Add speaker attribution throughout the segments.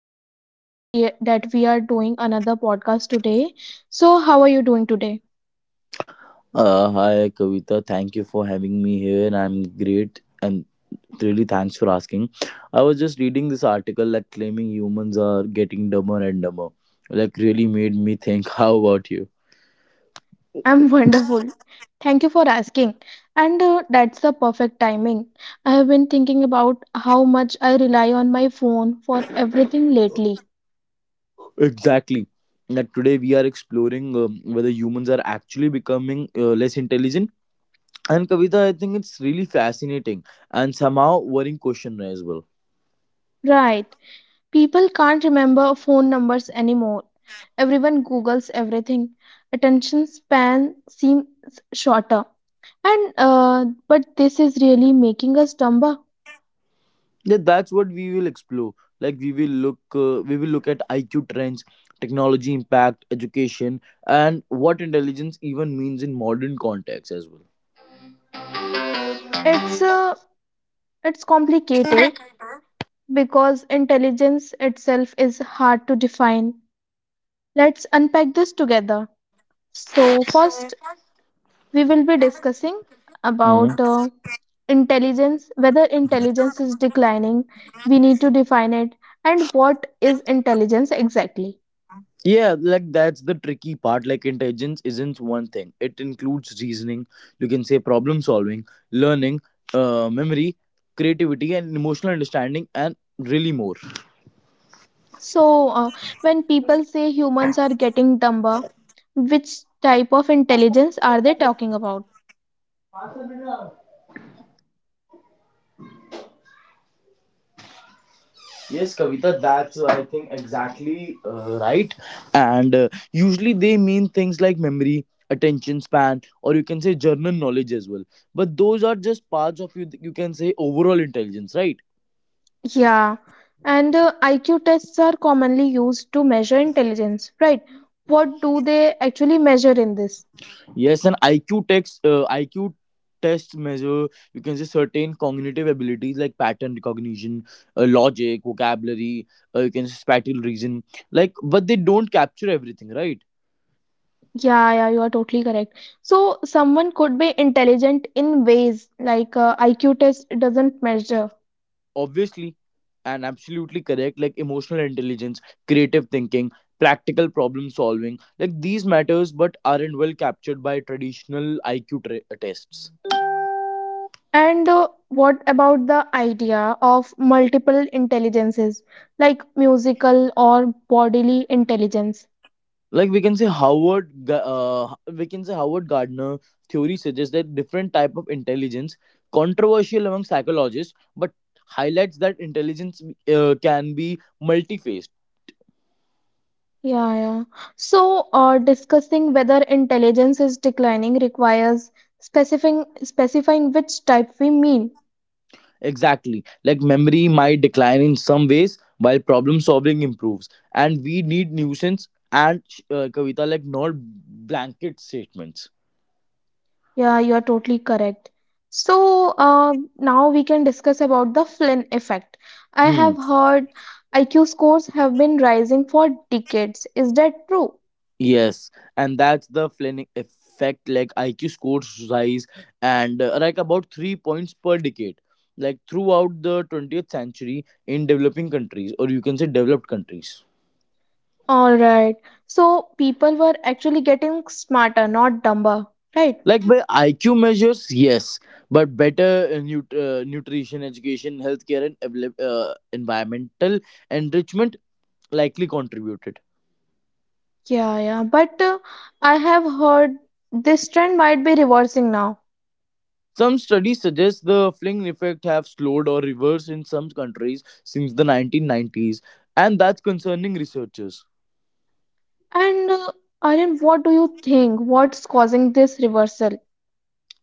Speaker 1: am really glad that we are doing another podcast today. So, how are you doing today?
Speaker 2: Hi, Kavita. Thank you for having me here. I'm great and really thanks for asking. I was just reading this article that claiming humans are getting dumber and dumber. Like, really made me think. How about you?
Speaker 1: I'm wonderful. Thank you for asking. And That's the perfect timing. I have been thinking about how much I rely on my phone for everything lately.
Speaker 2: Exactly. Like, today we are exploring whether humans are actually becoming less intelligent. And Kavita, I think it's really fascinating and somehow worrying question as well.
Speaker 1: Right. People can't remember phone numbers anymore. Everyone Googles everything. Attention span seems shorter. And but this is really making us dumb.
Speaker 2: Yeah, that's what we will explore. Like, we will look at IQ trends, technology impact, education, and what intelligence even means in modern context as well.
Speaker 1: It's a it's complicated because intelligence itself is hard to define. Let's unpack this together. So first we will be discussing
Speaker 2: Hmm.
Speaker 1: about intelligence. Whether intelligence is declining, we need to define it, and what is intelligence exactly.
Speaker 2: Yeah, like that's the tricky part. Like intelligence isn't one thing. It includes reasoning, you can say problem solving, learning, memory, creativity, and emotional understanding, and really more.
Speaker 1: So when people say humans are getting dumber, which type of intelligence are they talking about?
Speaker 2: Yes, Kavita, that's I think exactly right. And usually they mean things like memory, attention span, or you can say general knowledge as well. But those are just parts of you. You can say overall intelligence, right?
Speaker 1: Yeah, and IQ tests are commonly used to measure intelligence, right? What do they actually measure in this?
Speaker 2: Yes, and IQ tests measure, you can say, certain cognitive abilities like pattern recognition, logic, vocabulary. You can say spatial reason, like, but they don't capture everything, right?
Speaker 1: Yeah, yeah, you are totally correct. So, someone could be intelligent in ways like IQ test doesn't measure.
Speaker 2: Obviously, and absolutely correct. Like emotional intelligence, creative thinking, practical problem solving, like these matters but aren't well captured by traditional IQ tests.
Speaker 1: And What about the idea of multiple intelligences, like musical or bodily intelligence?
Speaker 2: Like we can say Howard Gardner theory suggests that different type of intelligence, controversial among psychologists, but highlights that intelligence can be multifaceted.
Speaker 1: Yeah, yeah. So discussing whether intelligence is declining requires specifying which type we mean.
Speaker 2: Exactly. Like memory might decline in some ways while problem solving improves. And we need nuisance and, Kavita, like not blanket statements.
Speaker 1: Yeah, you are totally correct. So now we can discuss about the Flynn effect. I
Speaker 2: Hmm.
Speaker 1: have heard IQ scores have been rising for decades. Is that true?
Speaker 2: Yes, and that's the Flynn effect. Like IQ scores rise, and like about 3 points per decade. Like throughout the 20th century in developing countries, or you can say developed countries.
Speaker 1: All right. So, people were actually getting smarter, not dumber, right?
Speaker 2: Like by IQ measures, yes. But better nutrition, education, healthcare, and environmental enrichment likely contributed.
Speaker 1: Yeah, yeah. But I have heard this trend might be reversing now.
Speaker 2: Some studies suggest the Flynn effect have slowed or reversed in some countries since the 1990s, and that's concerning researchers.
Speaker 1: And Aryan, what do you think? What's causing this reversal?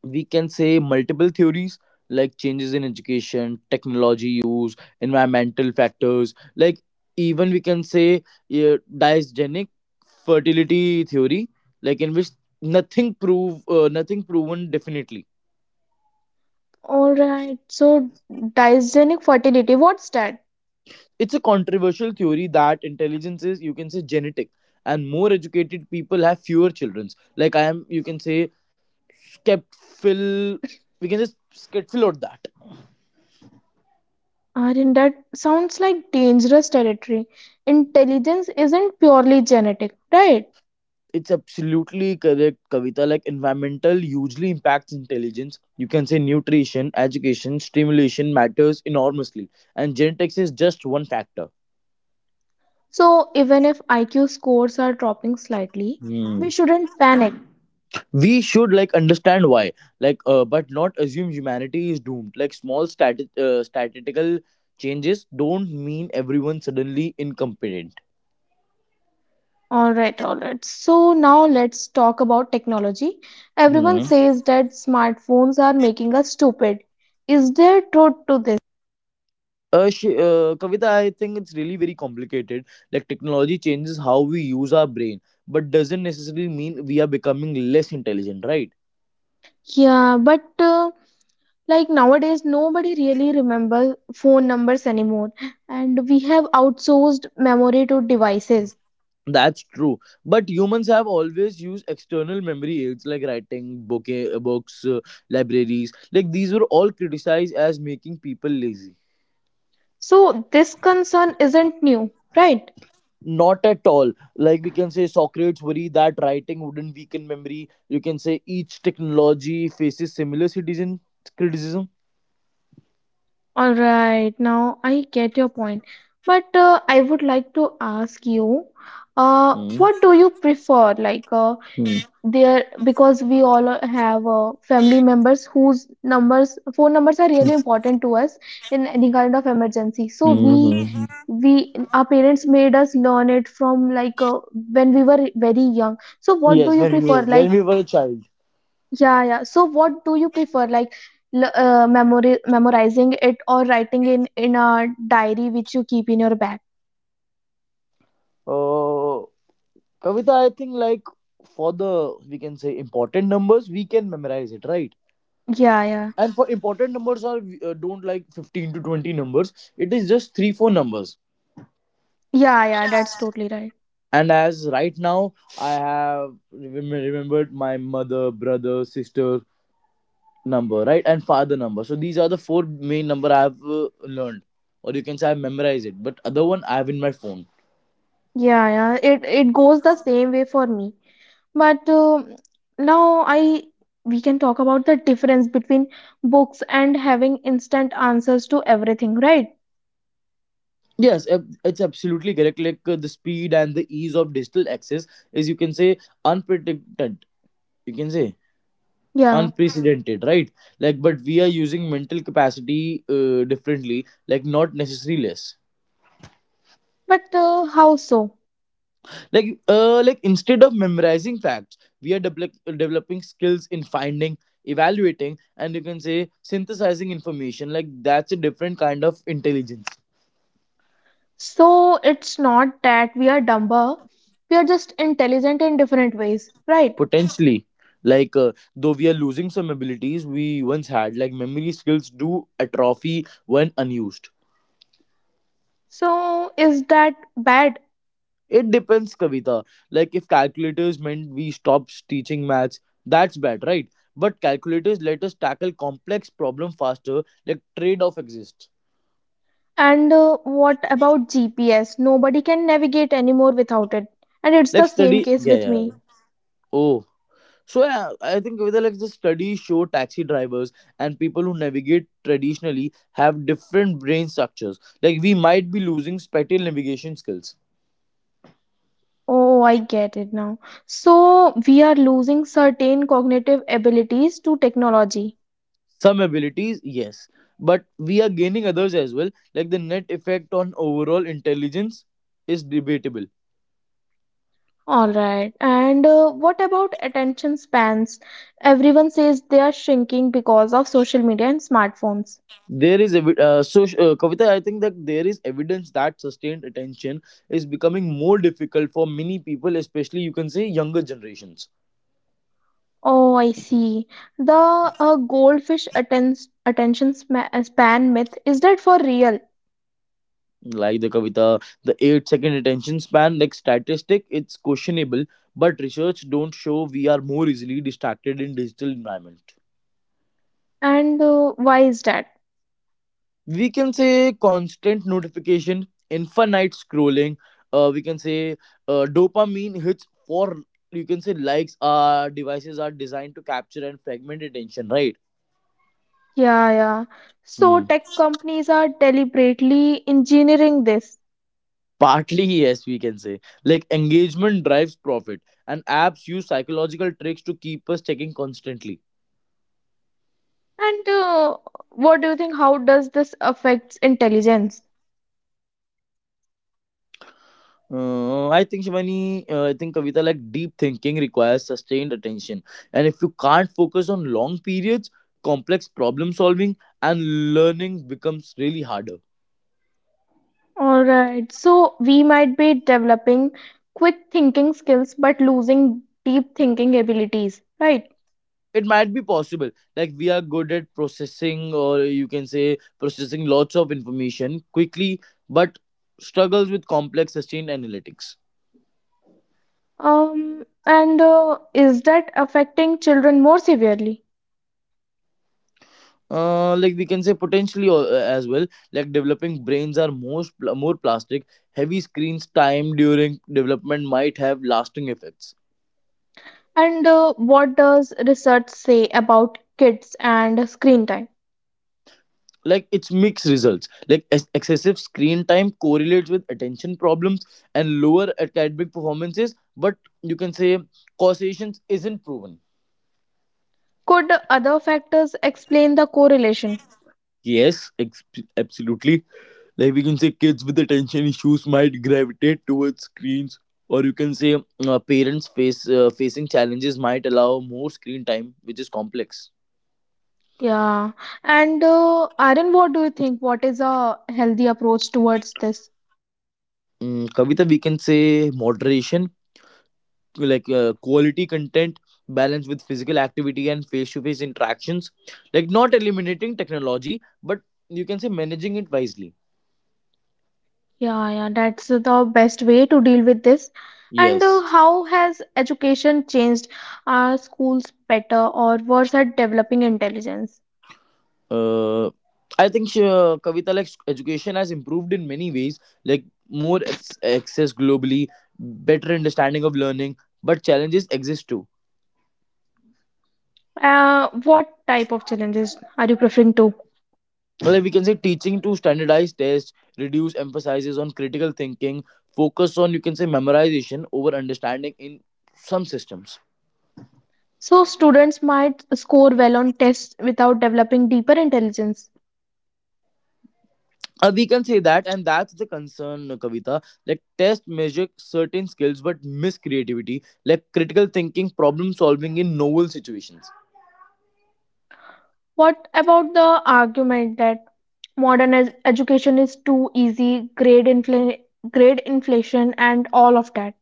Speaker 2: We can say multiple theories. Like changes in education, technology use, environmental factors, like even we can say uh, fertility theory, like in which nothing proven definitely.
Speaker 1: All right, so dysgenic fertility, what's that?
Speaker 2: It's a controversial theory that intelligence is, you can say, genetic, and more educated people have fewer children. Like I am, you can say, skeptical. We can just skeptical on that.
Speaker 1: Aryan, that sounds like dangerous territory. Intelligence isn't purely genetic, right?
Speaker 2: It's absolutely correct, Kavita. Like environmental hugely impacts intelligence. You can say nutrition, education, stimulation matters enormously, and genetics is just one factor.
Speaker 1: So even if IQ scores are dropping slightly, we
Speaker 2: Hmm.
Speaker 1: shouldn't panic.
Speaker 2: We should, like, understand why. Like, but not assume humanity is doomed. Like small statistical changes don't mean everyone suddenly incompetent.
Speaker 1: All right, all right. So now let's talk about technology. Everyone
Speaker 2: hmm.
Speaker 1: says that smartphones are making us stupid. Is there truth to this?
Speaker 2: Kavita, I think it's really very complicated. Like technology changes how we use our brain, but doesn't necessarily mean we are becoming less intelligent, right?
Speaker 1: Yeah, but. Like nowadays nobody really remembers phone numbers anymore, and we have outsourced memory to devices.
Speaker 2: That's true. But humans have always used external memory aids like writing, books, libraries. Like these were all criticized as making people lazy.
Speaker 1: So this concern isn't new, right?
Speaker 2: Not at all. Like we can say Socrates worried that writing wouldn't weaken memory. You can say each technology faces similar citizen criticism.
Speaker 1: All right, now I get your point, but I would like to ask you,
Speaker 2: Mm.
Speaker 1: what do you prefer, like
Speaker 2: Mm.
Speaker 1: there, because we all have family members whose numbers phone numbers are
Speaker 2: Mm.
Speaker 1: really important to us in any kind of emergency. So
Speaker 2: Mhm.
Speaker 1: we, our parents made us learn it from, like when we were very young. So what do
Speaker 2: Yes,
Speaker 1: you prefer,
Speaker 2: when
Speaker 1: like
Speaker 2: we were a child.
Speaker 1: yeah, yeah, so what do you prefer, like memorizing it or writing in a diary which you keep in your bag?
Speaker 2: Uh, Kavita, I think, like, for the we can say important numbers, we can memorize it, right?
Speaker 1: Yeah, yeah.
Speaker 2: And for important numbers are, don't, like, 15 to 20 numbers. It is just three four numbers.
Speaker 1: Yeah, yeah, that's totally right.
Speaker 2: And as right now, I have remembered my mother, brother, sister number, right, and father number. So these are the four main number I have learned, or you can say I memorize it. But other one I have in my phone.
Speaker 1: Yeah, yeah, it goes the same way for me. But um, now I we can talk about the difference between books and having instant answers to everything, right?
Speaker 2: Yes, it's absolutely correct. Like, the speed and the ease of digital access is, you can say, unpredicted you can say
Speaker 1: Yeah.
Speaker 2: unprecedented, right? Like, but we are using mental capacity, differently, like not necessarily less.
Speaker 1: But how so?
Speaker 2: Like, like instead of memorizing facts, we are developing skills in finding, evaluating, and, you can say, synthesizing information. Like that's a different kind of intelligence.
Speaker 1: So it's not that we are dumber. We are just intelligent in different ways, right?
Speaker 2: Potentially, like, though we are losing some abilities we once had. Like memory skills do atrophy when unused.
Speaker 1: So is that bad?
Speaker 2: It depends, Kavita. Like if calculators meant we stop teaching maths, that's bad, right? But calculators let us tackle complex problem faster. Like trade-off exists.
Speaker 1: And What about GPS? Nobody can navigate anymore without it. And it's the same case
Speaker 2: Yeah,
Speaker 1: with
Speaker 2: yeah, yeah.
Speaker 1: me.
Speaker 2: Oh, so, yeah, I think Kavita, like the studies show taxi drivers and people who navigate traditionally have different brain structures. Like we might be losing spatial navigation skills.
Speaker 1: Oh, I get it now. So we are losing certain cognitive abilities to technology.
Speaker 2: Some abilities, yes, but we are gaining others as well. Like the net effect on overall intelligence is debatable.
Speaker 1: All right. And What about attention spans? Everyone says they are shrinking because of social media and smartphones.
Speaker 2: There is evi- so Kavita, I think that there is evidence that sustained attention is becoming more difficult for many people, especially, you can say, younger generations.
Speaker 1: Oh, I see. The goldfish attention span myth, is that for real?
Speaker 2: Like the Kavita, the 8-second attention span, like statistic, it's questionable, but research don't show we are more easily distracted in digital environment.
Speaker 1: And Why is that?
Speaker 2: We can say constant notification, infinite scrolling, we can say dopamine hits for, you can say, likes. Our devices are designed to capture and fragment attention, right?
Speaker 1: Yeah, yeah. So
Speaker 2: Hmm.
Speaker 1: tech companies are deliberately engineering this.
Speaker 2: Partly, yes, we can say. Like engagement drives profit, and apps use psychological tricks to keep us checking constantly.
Speaker 1: And What do you think? How does this affects intelligence?
Speaker 2: I think Kavita, like deep thinking requires sustained attention, and if you can't focus on long periods, complex problem solving and learning becomes really harder.
Speaker 1: All right. So we might be developing quick thinking skills, but losing deep thinking abilities, right?
Speaker 2: It might be possible. Like we are good at processing, or you can say processing lots of information quickly, but struggles with complex sustained analytics.
Speaker 1: And Is that affecting children more severely?
Speaker 2: Like we can say potentially, as well. Like developing brains are more plastic. Heavy screens time during development might have lasting effects.
Speaker 1: And What does research say about kids and screen time?
Speaker 2: Like it's mixed results. Like excessive screen time correlates with attention problems and lower academic performances, but, you can say, causations isn't proven.
Speaker 1: Could other factors explain the correlation?
Speaker 2: Yes, absolutely. Like we can say kids with attention issues might gravitate towards screens, or you can say, parents face facing challenges might allow more screen time, which is complex.
Speaker 1: Yeah. And Aaron, what do you think? What is a healthy approach towards this?
Speaker 2: Kavita, we can say moderation. Like, quality content, balance with physical activity and face to face interactions. Like not eliminating technology but, you can say, managing it wisely.
Speaker 1: Yeah, yeah, that's the best way to deal with this. And
Speaker 2: Yes.
Speaker 1: How has education changed? Are schools better or worse at developing intelligence?
Speaker 2: uh, Kavita, like education has improved in many ways, like more access globally, better understanding of learning, but challenges exist too.
Speaker 1: What type of challenges are you preferring to?
Speaker 2: Well, like we can say teaching to standardized tests, reduce emphasizes on critical thinking, focus on, you can say, memorization over understanding in some systems.
Speaker 1: So, students might score well on tests without developing deeper intelligence.
Speaker 2: We can say that, and that's the concern, Kavita. Like test measure certain skills but miss creativity, like critical thinking, problem solving in novel situations.
Speaker 1: What about the argument that modern education is too easy, grade inflation, and all of that?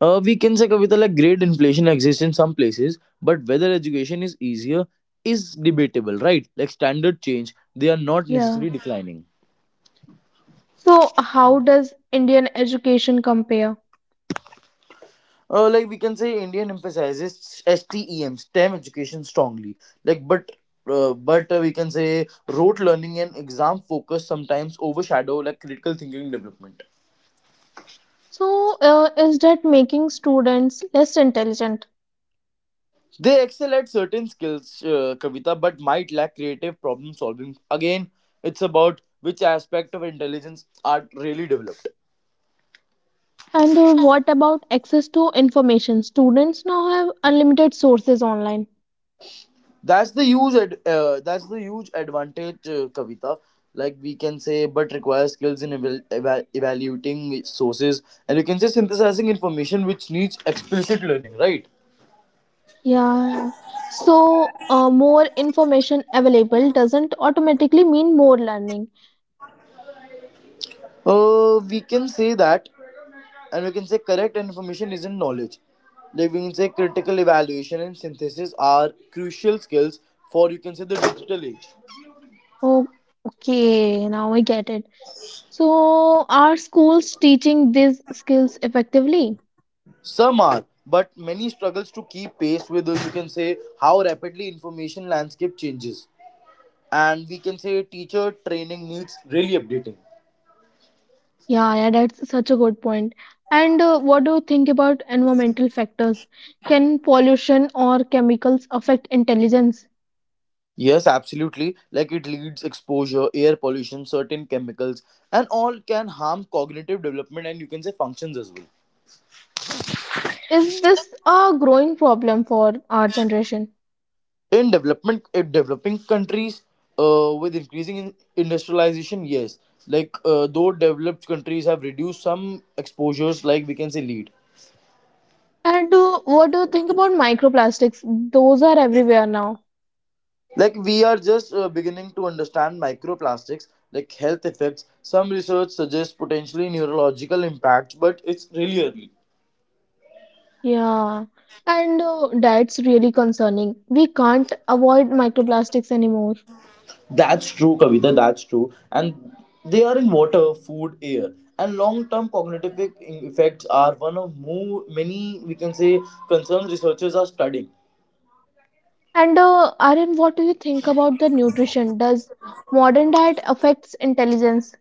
Speaker 2: We can say Kavita, like grade inflation exists in some places, but whether education is easier is debatable, right? Like standard change, they are not
Speaker 1: Yeah.
Speaker 2: necessarily declining.
Speaker 1: So, how does Indian education compare?
Speaker 2: Like we can say Indian emphasizes STEM education strongly. Like, but we can say rote learning and exam focus sometimes overshadow, like, critical thinking development.
Speaker 1: So, is that making students less intelligent?
Speaker 2: They excel at certain skills, Kavita, but might lack creative problem solving. Again, it's about which aspect of intelligence are really developed.
Speaker 1: And What about access to information? Students now have unlimited sources online.
Speaker 2: That's the huge advantage, Kavita. Like we can say, but requires skills in evaluating sources and, you can say, synthesizing information, which needs explicit learning, right?
Speaker 1: Yeah, yeah. So, more information available doesn't automatically mean more learning.
Speaker 2: We can say that, and we can say correct information isn't knowledge. Like we can say critical evaluation and synthesis are crucial skills for, you can say, the digital age.
Speaker 1: Oh, okay, now I get it. So, are schools teaching these skills effectively?
Speaker 2: Some are, but many struggles to keep pace with, you can say, how rapidly information landscape changes. And we can say teacher training needs really updating.
Speaker 1: Yeah, yeah, that's such a good point. And What do you think about environmental factors? Can pollution or chemicals affect intelligence?
Speaker 2: Yes, absolutely. Like it leads exposure, air pollution, certain chemicals, and all can harm cognitive development and, you can say, functions as well.
Speaker 1: Is this a growing problem for our generation?
Speaker 2: In developing countries, with increasing in industrialization, yes, like, though developed countries have reduced some exposures, like, we can say, lead.
Speaker 1: And What do you think about microplastics? Those are everywhere now.
Speaker 2: Like we are just beginning to understand microplastics like health effects. Some research suggests potentially neurological impacts, but it's really early.
Speaker 1: Yeah, and that's really concerning. We can't avoid microplastics anymore.
Speaker 2: That's true, Kavita, that's true. And they are in water, food, air, and long-term cognitive effects are one of more, many, we can say, concerns researchers are studying.
Speaker 1: And Aryan, what do you think about the nutrition? Does modern diet affects intelligence?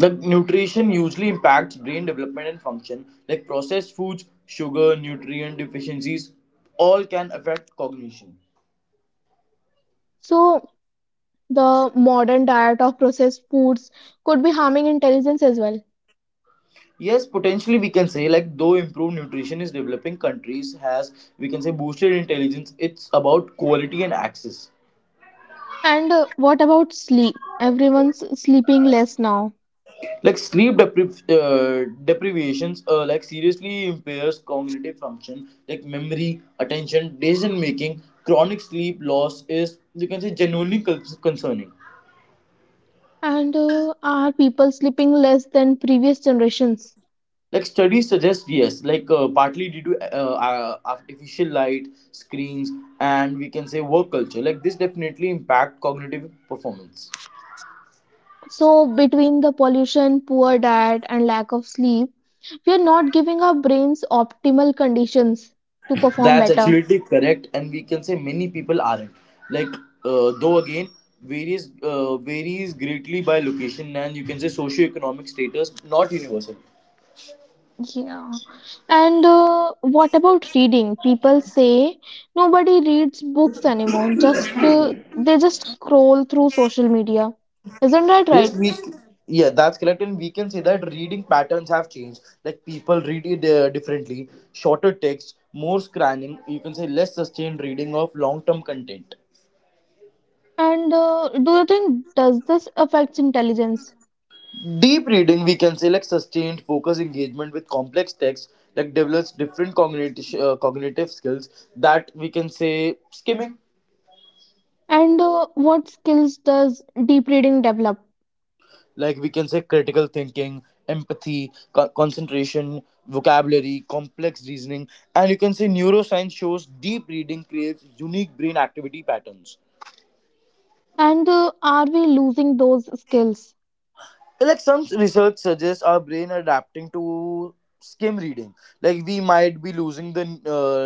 Speaker 2: Like nutrition usually impacts brain development and function. Like processed foods, sugar, nutrient deficiencies all can affect cognition.
Speaker 1: So the modern diet of processed foods could be harming intelligence as well.
Speaker 2: Yes, potentially we can say. Like though improved nutrition is developing countries has, we can say, boosted intelligence. It's about quality and access.
Speaker 1: And What about sleep? Everyone's sleeping less now.
Speaker 2: Like sleep deprivations, like seriously impairs cognitive function, like memory, attention, decision making. Chronic sleep loss is, you can say, genuinely concerning.
Speaker 1: And Are people sleeping less than previous generations?
Speaker 2: Like studies suggest yes. Like, partly due to artificial light, screens, and, we can say, work culture. Like this definitely impact cognitive performance.
Speaker 1: So, between the pollution, poor diet, and lack of sleep, we are not giving our brains optimal conditions to perform
Speaker 2: That's
Speaker 1: better.
Speaker 2: absolutely correct, and we can say many people aren't. Like, though again, varies greatly by location and, you can say, socioeconomic status, not universal.
Speaker 1: Yeah. And What about reading? People say nobody reads books anymore. Just They just scroll through social media. Isn't that right?
Speaker 2: Yes. we Yeah, that's correct, and we can say that reading patterns have changed. Like people read it differently, shorter text, more scanning. You can say less sustained reading of long term content.
Speaker 1: And Do you think does this affects intelligence?
Speaker 2: Deep reading, we can say, like sustained focus engagement with complex texts, like develops different cognitive skills that, we can say, skimming.
Speaker 1: And What skills does deep reading develop?
Speaker 2: Like we can say critical thinking, empathy, concentration, vocabulary, complex reasoning, and, you can say, neuroscience shows deep reading creates unique brain activity patterns.
Speaker 1: And Are we losing those skills?
Speaker 2: Like some research suggests our brain adapting to skim reading. Like we might be losing the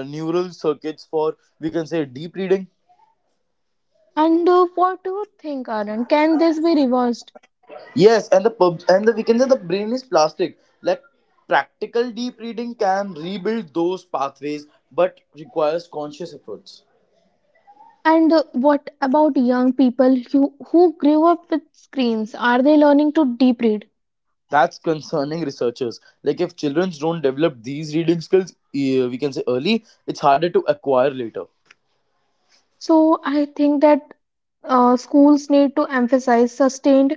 Speaker 2: uh, neural circuits for, we can say, deep reading.
Speaker 1: And What do you think, Aaron? Can this be reversed?
Speaker 2: Yes. And the pub and the we can say the brain is plastic. Like practical deep reading can rebuild those pathways, but requires conscious efforts.
Speaker 1: And What about young people who grew up with screens? Are they learning to deep read?
Speaker 2: That's concerning researchers. Like if children don't develop these reading skills, we can say early, it's harder to acquire later.
Speaker 1: So I think that schools need to emphasize sustained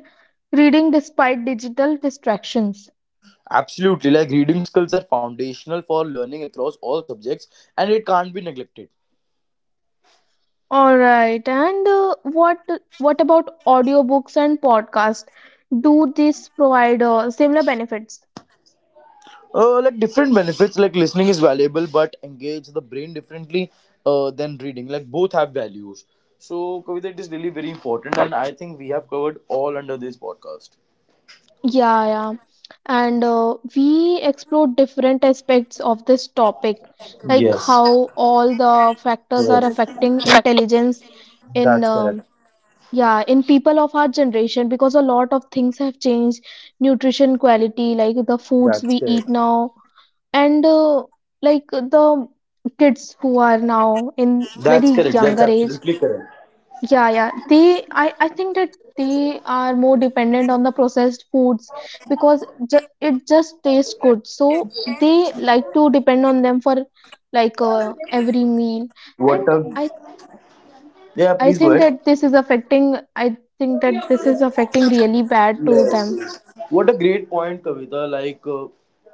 Speaker 1: reading despite digital distractions.
Speaker 2: Absolutely, like reading skills are foundational for learning across all subjects, and it can't be neglected.
Speaker 1: All right. And what about audiobooks and podcasts? Do these provide similar benefits?
Speaker 2: Like different benefits. Like listening is valuable but engage the brain differently, than reading. Like both have values. So Kavita, it is really very important and I think we have covered all under this podcast.
Speaker 1: Yeah, yeah. And We explore different aspects of this topic, like
Speaker 2: Yes.
Speaker 1: how all the factors are
Speaker 2: Yes.
Speaker 1: affecting intelligence in
Speaker 2: That's correct.
Speaker 1: yeah, in people of our generation, because a lot of things have changed, nutrition quality, like the foods
Speaker 2: That's
Speaker 1: we eat
Speaker 2: correct.
Speaker 1: now, and like the kids who are now in
Speaker 2: That's
Speaker 1: very
Speaker 2: correct. That's
Speaker 1: younger age.
Speaker 2: absolutely correct.
Speaker 1: Yeah, yeah. I think that they are more dependent on the processed foods because ju it just tastes good. So they like to depend on them for like every meal.
Speaker 2: What
Speaker 1: And
Speaker 2: a
Speaker 1: I,
Speaker 2: Yeah,
Speaker 1: I
Speaker 2: please go
Speaker 1: think
Speaker 2: ahead.
Speaker 1: that I think that this is affecting really bad to
Speaker 2: Yes,
Speaker 1: them.
Speaker 2: yes. What a great point, Kavita. Like,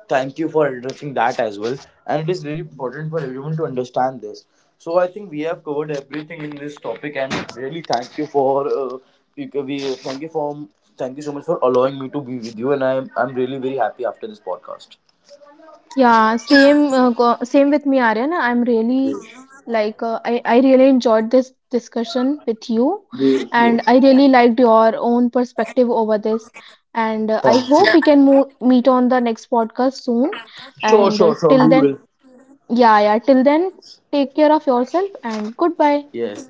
Speaker 2: thank you for addressing that as well. And it is really important for everyone to understand this. So I think we have covered everything in this topic, and really thank you for you, we thank you for thank you so much for allowing me to be with you. And I'm really very happy after this podcast.
Speaker 1: Yeah, same with me, Aryan. I'm really like I really enjoyed this discussion with you,
Speaker 2: Yes,
Speaker 1: and
Speaker 2: yes.
Speaker 1: I really liked your own perspective over this. And I
Speaker 2: Thank you.
Speaker 1: hope we can mo meet on the next podcast soon.
Speaker 2: Sure,
Speaker 1: And
Speaker 2: sure, sure.
Speaker 1: Till
Speaker 2: We
Speaker 1: then,
Speaker 2: will.
Speaker 1: yeah, yeah, till then, take care of yourself and goodbye.
Speaker 2: Yes,